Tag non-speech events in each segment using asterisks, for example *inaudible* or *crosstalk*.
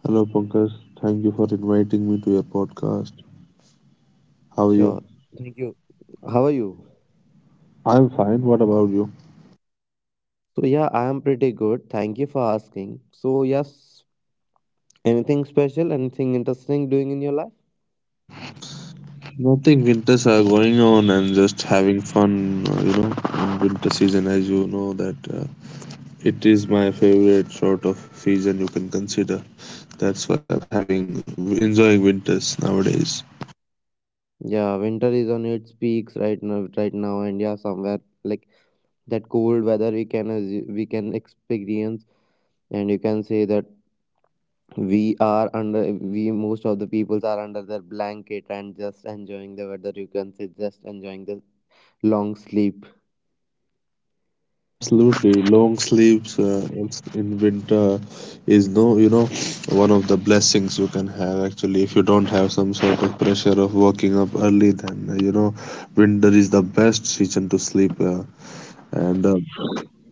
Hello, Pankaj. Thank you for inviting me to your podcast. How are Sure. you? Thank you. How are you? I'm fine. What about you? So I am pretty good. Thank you for asking. So yes, anything special, anything interesting doing in your life? Nothing. Winters are going on and just having fun, uh, you know, in winter season, as you know, that it is my favorite sort of season you can consider. That's why I'm having enjoying winters nowadays. Yeah, winter is on its peaks right now, and yeah, somewhere like that cold weather we can we can experience, and you can say that we are under we most of the peoples are under their blanket and just enjoying the weather. You can say just enjoying the long sleep. Absolutely, long sleeps in winter is no, one of the blessings you can have actually. If you don't have some sort of pressure of waking up early, then winter is the best season to sleep, and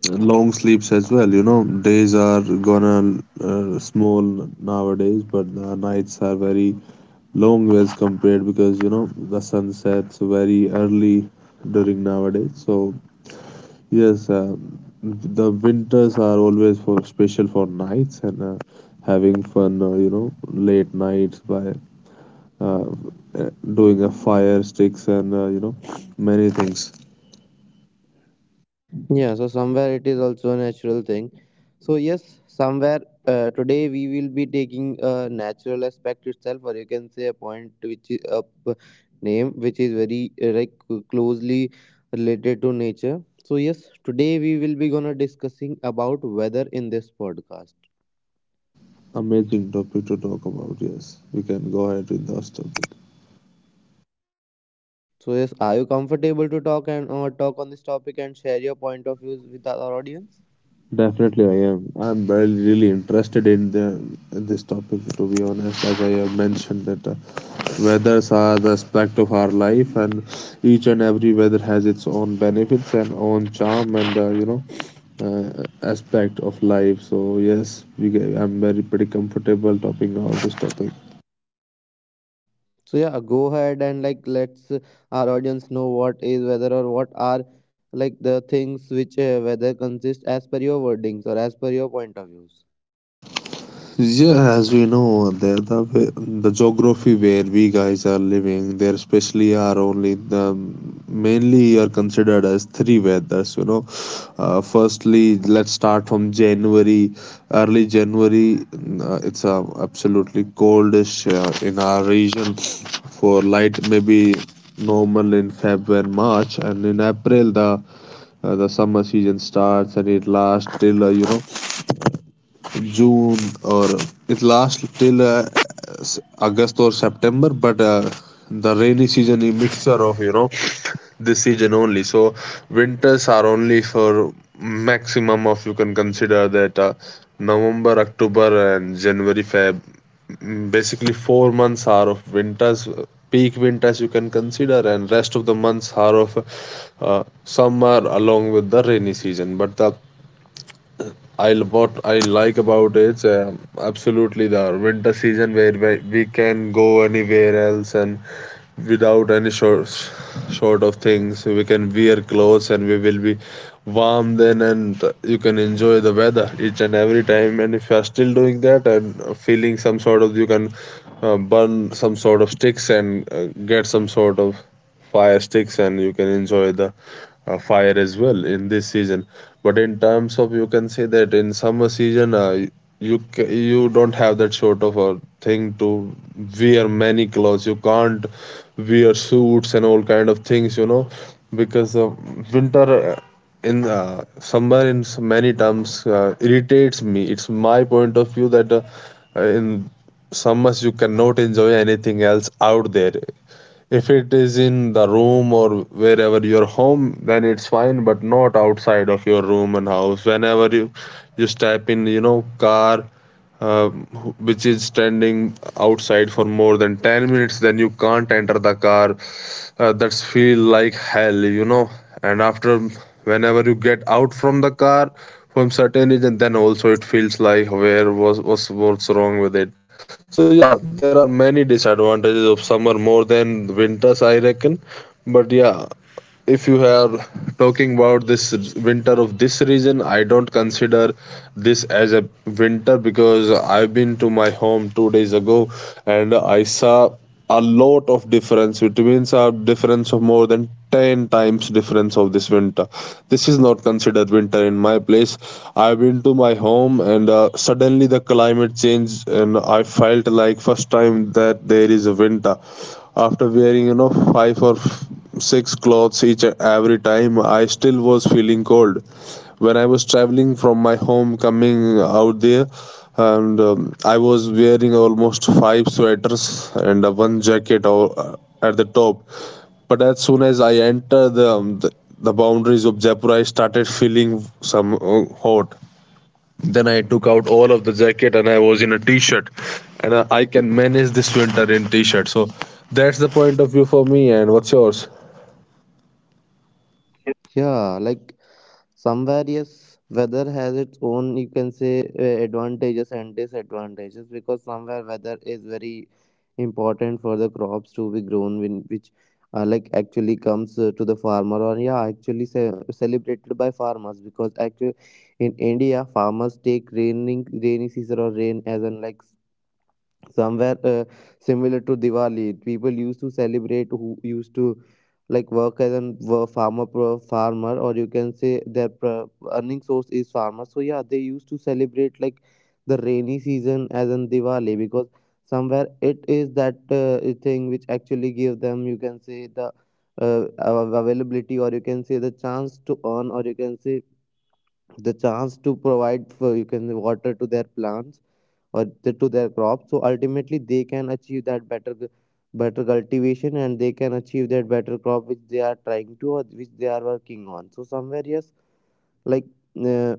long sleeps as well. You know, days are gonna small nowadays, but the nights are very long as compared because you know the sun sets very early during nowadays. So yes, the winters are always for special for nights and having fun, late nights by uh, uh, doing a fire sticks and many things. Yeah, so somewhere it is also a natural thing. So yes, somewhere today we will be taking a natural aspect itself, or you can say a point which is a name which is very like closely related to nature. So yes, today we will be gonna discussing about weather in this podcast. Amazing topic to talk about. Yes, we can go ahead with those topics. So yes, are you comfortable to talk and or talk on this topic and share your point of views with our audience? Definitely, I am. I'm very really interested in the in this topic. To be honest, as I have mentioned that weathers are the aspect of our life, and each and every weather has its own benefits and own charm, and aspect of life. So yes, we get, I'm very pretty comfortable talking about this topic. So go ahead and like let's our audience know what is weather or what are like the things which whether consist as per your wordings or as per your point of views. Yeah, as we know, the geography where we guys are living, there especially are only the mainly are considered as three weathers. You know, firstly, let's start from January, early January. It's absolutely coldish in our region for light, maybe normal in Feb and March, and in April the summer season starts, and it lasts till June, or it lasts till August or September, but the rainy season is mixture of this season only. So winters are only for maximum of you can consider that November, October, and January, Feb. Basically, 4 months are of winters. Peak winters you can consider, and rest of the months are of summer along with the rainy season. But the I what I like about it's absolutely the winter season where we can go anywhere else, and without any short sort of things we can wear clothes, and we will be warm then, and you can enjoy the weather each and every time, and if you are still doing that and feeling some sort of you can burn some sort of sticks and get some sort of fire sticks, and you can enjoy the fire as well in this season. But in terms of you can say that in summer season, you don't have that sort of a thing to wear many clothes, you can't wear suits and all kind of things because winter in summer, many terms irritates me. It's my point of view that in summers you cannot enjoy anything else out there. If it is in the room or wherever your home, then it's fine, but not outside of your room and house. Whenever you just type in, car, uh, which is standing outside for more than 10 minutes, then you can't enter the car. That's feel like hell. And after, whenever you get out from the car from certain age, and then also it feels like where was what's wrong with it. So yeah, there are many disadvantages of summer more than winters, I reckon. But yeah, if you are talking about this winter of this region, I don't consider this as a winter because I've been to my home 2 days ago, and I saw a lot of difference. It means a difference of more than 10 times difference of this winter. This is not considered winter in my place. I've been to my home, and suddenly the climate changed, and I felt like first time that there is a winter. After wearing, five or six clothes each every time, I still was feeling cold when I was traveling from my home, coming out there. And I was wearing almost five sweaters and one jacket or, at the top. But as soon as I entered the, the boundaries of Jaipur, I started feeling some hot. Then I took out all of the jacket, and I was in a t-shirt, and I can manage this winter in t-shirt. So that's the point of view for me. And what's yours? Yeah, like somewhere yes, weather has its own, you can say, advantages and disadvantages, because somewhere weather is very important for the crops to be grown, which like actually comes to the farmer, or yeah actually celebrated by farmers, because actually in India farmers take raining rainy season or rain as an, like somewhere similar to Diwali. People used to celebrate who used to like work as a farmer, or you can say their earning source is farmer. So yeah, they used to celebrate like the rainy season as in Diwali, because somewhere it is that thing which actually give them, you can say, the availability, or you can say the chance to earn, or you can say the chance to provide for, you can say, water to their plants, or the, to their crop, so ultimately they can achieve that better cultivation, and they can achieve that better crop which they are trying to, or which they are working on. So somewhere yes, like uh,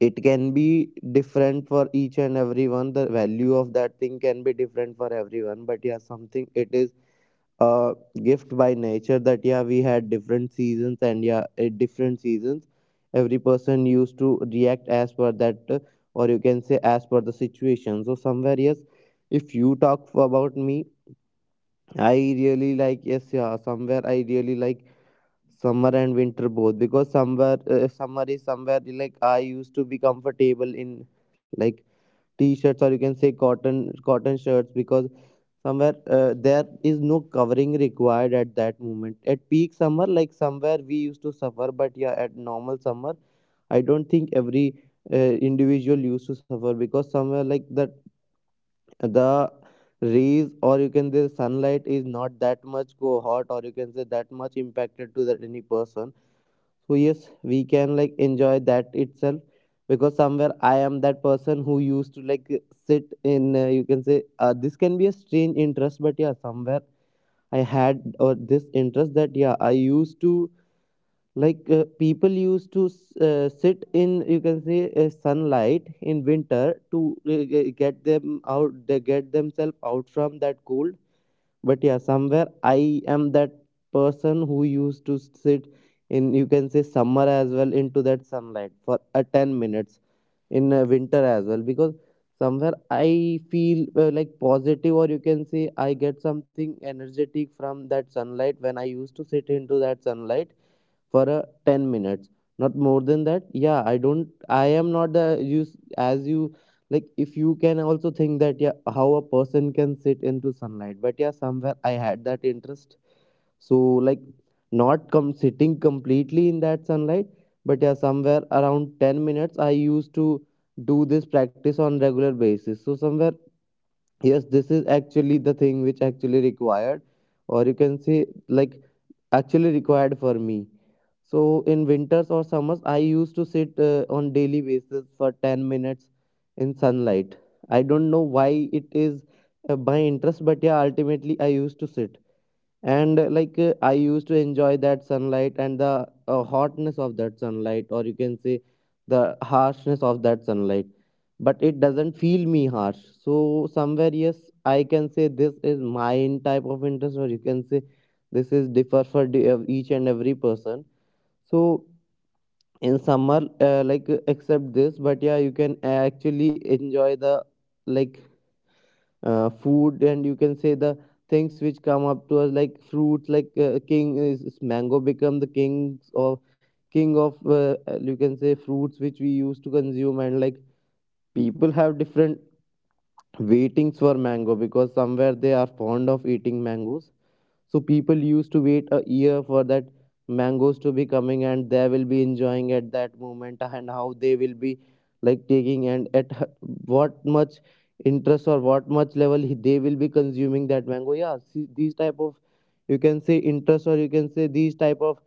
it can be different for each and everyone, the value of that thing can be different for everyone, but yeah, something it is a gift by nature, that yeah, we had different seasons, and yeah at different seasons every person used to react as per that or you can say as per the situation. So somewhere yes, if you talk about me, I really like, yes yeah, somewhere I really like summer and winter both, because somewhere summer is somewhere like I used to be comfortable in like t-shirts, or you can say cotton shirts, because somewhere there is no covering required at that moment. At peak summer, like somewhere we used to suffer, but yeah at normal summer I don't think every individual used to suffer, because somewhere like that the rays, or you can say sunlight, is not that much go hot, or you can say that much impacted to that any person. So yes, we can like enjoy that itself, because somewhere I am that person who used to like sit in you can say, this can be a strange interest, but yeah somewhere I had, or this interest that yeah I used to like, people used to sit in, you can say, sunlight in winter to get them out, they get themselves out from that cold. But yeah somewhere I am that person who used to sit in, you can say, summer as well into that sunlight for 10 minutes, in winter as well, because somewhere I feel like positive, or you can say I get something energetic from that sunlight when I used to sit into that sunlight for a 10 minutes, not more than that. Yeah, I don't, I am not the as you like, if you can also think that yeah how a person can sit into sunlight, but yeah somewhere I had that interest. So like not come sitting completely in that sunlight, but yeah somewhere around 10 minutes I used to do this practice on regular basis. So somewhere yes, this is actually the thing which actually required, or you can say, like actually required for me. So in winters or summers, I used to sit on daily basis for 10 minutes in sunlight. I don't know why it is my interest, but yeah, ultimately I used to sit and like I used to enjoy that sunlight and the hotness of that sunlight, or you can say the harshness of that sunlight, but it doesn't feel me harsh. So somewhere yes, I can say this is mine type of interest, or you can say this is differ for each and every person. So in summer like accept this, but yeah you can actually enjoy the like food, and you can say the things which come up to us like fruits, like king is mango, become the king of you can say fruits which we used to consume. And like people have different weightings for mango, because somewhere they are fond of eating mangoes, so people used to wait a year for that mangoes to be coming, and they will be enjoying at that moment and how they will be like taking, and at what much interest or what much level they will be consuming that mango. Yeah, see, these type of, you can say, interest, or you can say these type of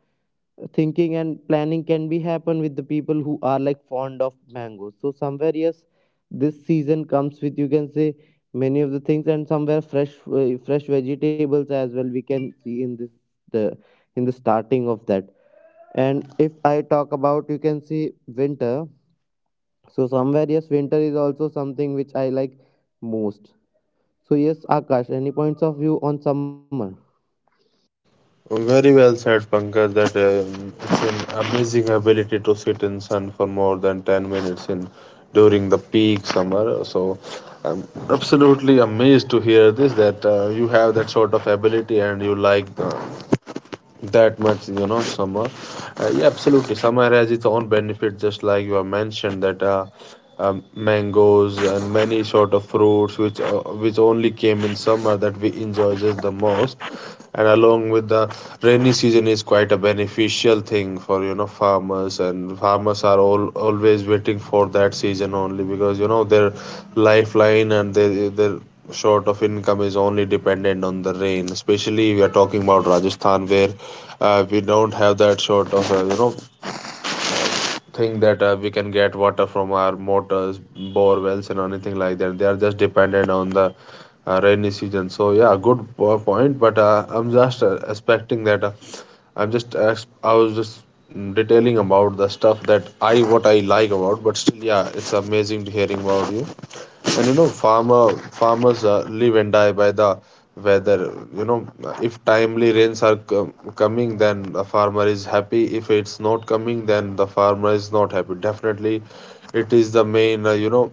thinking and planning, can be happen with the people who are like fond of mangoes. So somewhere yes, this season comes with, you can say, many of the things, and somewhere fresh fresh vegetables as well we can see in this, the, in the starting of that. And if I talk about, you can see, winter, so somewhere yes, winter is also something which I like most. So yes Akash, any points of view on summer? Very well said, Pankaj. That It's an amazing ability to sit in sun for more than 10 minutes in during the peak summer. So I'm absolutely amazed to hear this that you have that sort of ability, and you like the that much, summer. Yeah, absolutely summer has its own benefit, just like you have mentioned that mangoes and many sort of fruits which only came in summer, that we enjoy just the most. And along with the rainy season is quite a beneficial thing for farmers, and farmers are all always waiting for that season only because their lifeline and their sort of income is only dependent on the rain, especially we are talking about Rajasthan where we don't have that sort of thing that we can get water from our motors, bore wells, and anything like that. They are just dependent on the rainy season. So yeah, good point, but I'm just expecting that I was just detailing about the stuff that I what I like about. But still, yeah, it's amazing to hearing about you. And farmers live and die by the weather. You know, if timely rains are coming, then the farmer is happy. If it's not coming, then the farmer is not happy. Definitely, it is the main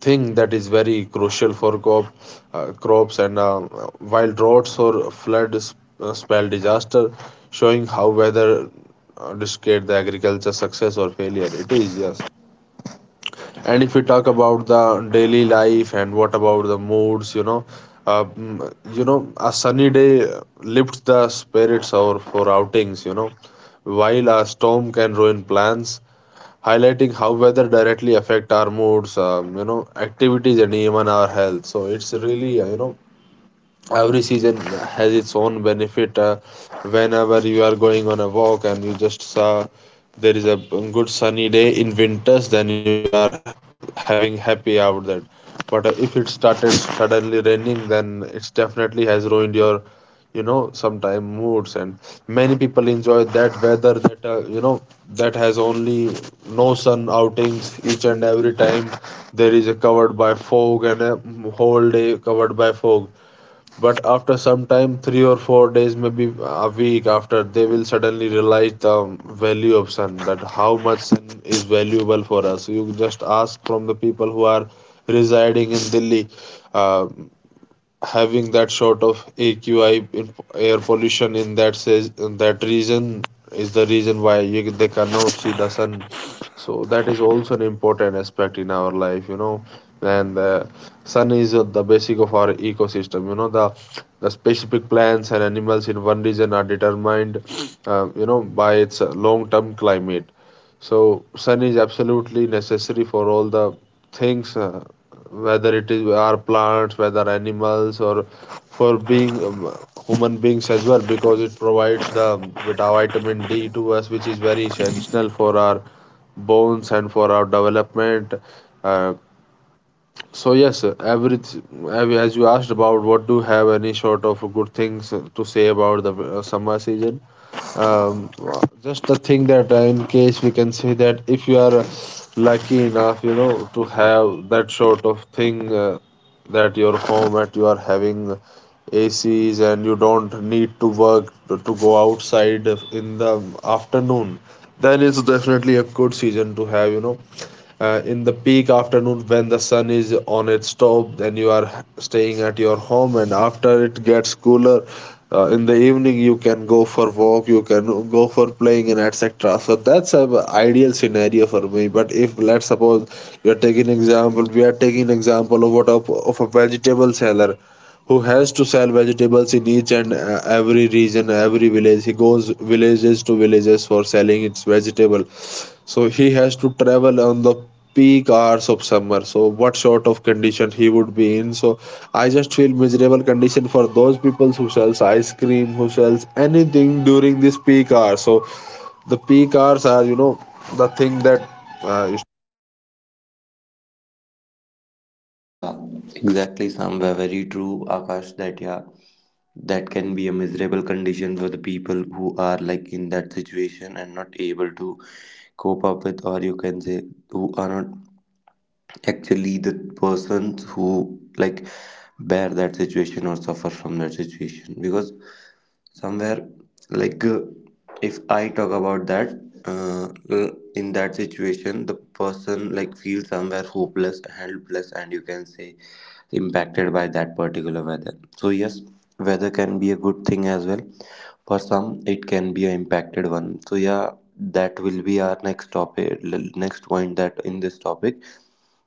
thing that is very crucial for crops. And while droughts or floods spell disaster, showing how weather dictate the agriculture success or failure. It is, yes. And if we talk about the daily life and what about the moods, a sunny day lifts the spirits or for outings, while a storm can ruin plans, highlighting how weather directly affect our moods, activities, and even our health. So it's really, every season has its own benefit whenever you are going on a walk and you just saw there is a good sunny day in winters, then you are having happy out that. But if it started suddenly raining, then it definitely has ruined your sometime moods. And many people enjoy that weather that you know that has only no sun outings each and every time. There is a covered by fog, and a whole day covered by fog. But after some time, 3 or 4 days, maybe a week after, they will suddenly realize the value of sun, that how much sun is valuable for us. You just ask from the people who are residing in Delhi. Uh, having that sort of AQI air pollution in that says in that region is the reason why they cannot see the sun. So that is also an important aspect in our life. And the sun is the basic of our ecosystem. You know the specific plants and animals in one region are determined, by its long-term climate. So sun is absolutely necessary for all the things. Whether it is our plants, whether animals, or for being human beings as well, because it provides the vitamin d to us, which is very essential for our bones and for our development. uh, so yes, every as you asked about, what do you have any sort of good things to say about the summer season? um, just the thing that in case we can say that if you are lucky enough, you know, to have that sort of thing, that your home that you are having ACs and you don't need to work to go outside in the afternoon, then it's definitely a good season to have, in the peak afternoon when the sun is on its top, then you are staying at your home, and after it gets cooler, in the evening you can go for walk, you can go for playing and etc. So that's a ideal scenario for me. But if let's suppose you're taking example, we are taking example of what of a vegetable seller who has to sell vegetables in each and every region, every village. He goes villages to villages for selling its vegetable. So he has to travel on the peak hours of summer. So what sort of condition he would be in? So I just feel miserable condition for those people who sells ice cream, who sells anything during this peak hour. So the peak hours are, you know, the thing that uh, So yeah, exactly, somewhere very true, Akash. That yeah, that can be a miserable condition for the people who are like in that situation and not able to cope up with, or you can say, who are not actually the persons who like bear that situation or suffer from that situation, because somewhere like if I talk about that in that situation the person like feels somewhere hopeless, helpless, and you can say impacted by that particular weather. So yes, weather can be a good thing as well. For some, it can be a impacted one. So yeah, that will be our next topic, next point, that in this topic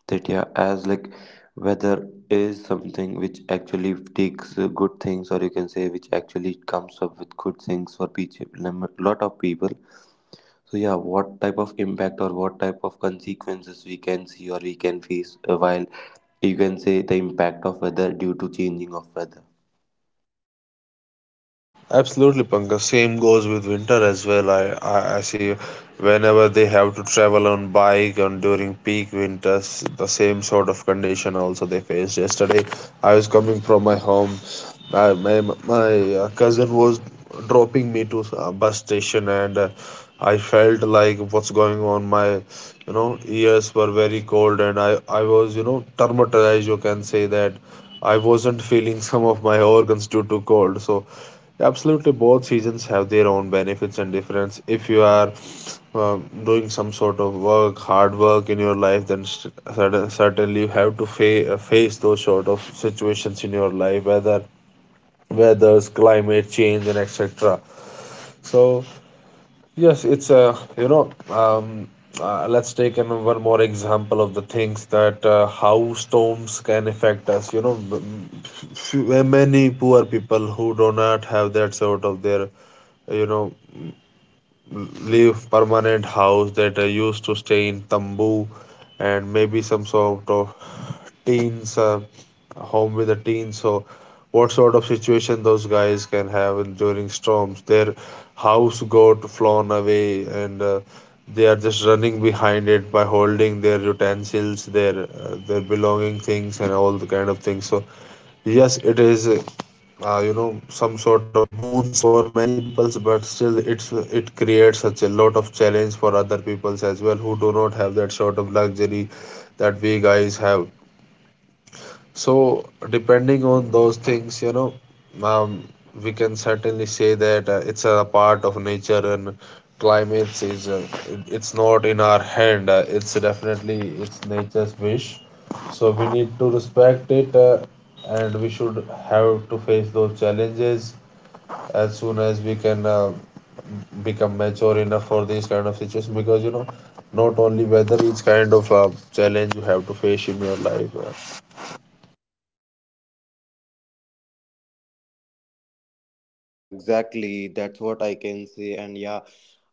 that yeah, as like, weather is something which actually takes good things, or you can say which actually comes up with good things for people, lot of people. So yeah, what type of impact or what type of consequences we can see or we can face while, you can say, the impact of weather due to changing of weather. absolutely, Pankaj. Same goes with winter as well. I see whenever they have to travel on bike on during peak winters, the same sort of condition also they faced. Yesterday, I was coming from my home. I, my cousin was dropping me to a bus station, and I felt like what's going on. My, you know, ears were very cold, and I was, you know, traumatized. You can say that. I wasn't feeling *laughs* some of my organs due to cold. So absolutely, both seasons have their own benefits and difference. If you are uh, doing some sort of work, hard work in your life, then certainly you have to face those sort of situations in your life, whether weather's climate change and etc. So yes, it's a, you know, let's take one more example of the things that how storms can affect us. You know, many poor people who do not have that sort of their, you know, leave permanent house, that I used to stay in tambu, and maybe some sort of teens, home with a teen. So what sort of situation those guys can have during storms? Their house got flown away, and they are just running behind it by holding their utensils, their belonging things and all the kind of things. So yes, it is you know, some sort of boons for many peoples, but still it creates such a lot of challenge for other peoples as well, who do not have that sort of luxury that we guys have. So depending on those things, you know, um, we can certainly say that it's a part of nature, and climate is it's not in our hand. It's definitely it's nature's wish, so we need to respect it, and we should have to face those challenges as soon as we can, become mature enough for these kind of situations, because, you know, not only weather, each kind of challenge you have to face in your life. So yeah, exactly. That's what I can say, and yeah,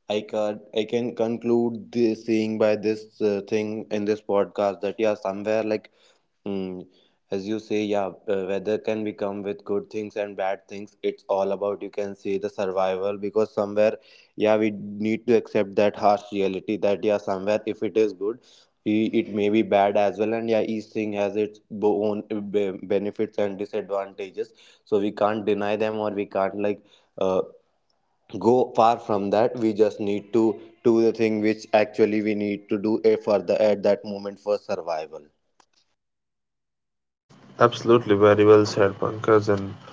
I can conclude this saying by this thing in this podcast, that yeah, somewhere like, Mm, as you say, yeah, weather can become with good things and bad things. It's all about, you can say, the survival, because somewhere, yeah, we need to accept that harsh reality, that yeah, somewhere if it is good, it may be bad as well. And yeah, each thing has its own benefits and disadvantages. So we can't deny them, or we can't like uh, go far from that. We just need to do the thing which actually we need to do, for the, at that moment, for survival. Absolutely, very well said, Pankaj. And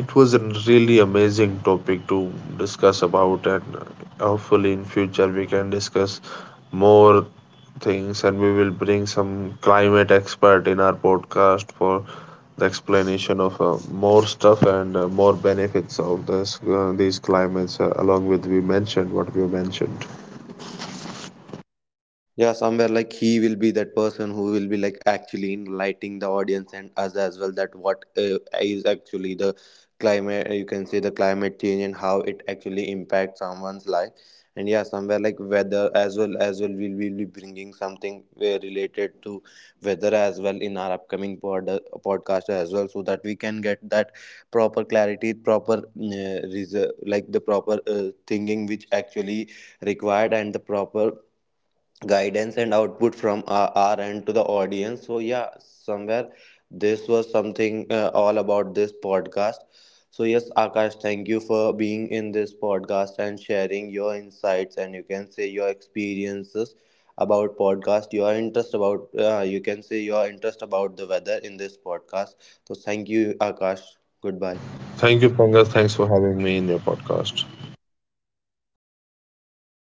it was a really amazing topic to discuss about, and hopefully in future we can discuss more things, and we will bring some climate expert in our podcast for the explanation of more stuff and more benefits of this these climates, along with we mentioned what we mentioned. Yeah, somewhere like he will be that person who will be like actually enlightening the audience and us as well, that what is actually the climate, you can say, the climate change, and how it actually impacts someone's life. And yeah, somewhere like weather as well, as well, we will be bringing something related to weather as well in our upcoming podcast as well, so that we can get that proper clarity, proper like the proper thinking which actually required, and the proper guidance and output from our end to the audience. So yeah, somewhere this was something all about this podcast. So yes, Akash, thank you for being in this podcast and sharing your insights, and you can say, your experiences about podcast, your interest about, you can say your interest about the weather in this podcast. So thank you, Akash. Goodbye. Thank you, Ponga. Thanks for having me in your podcast.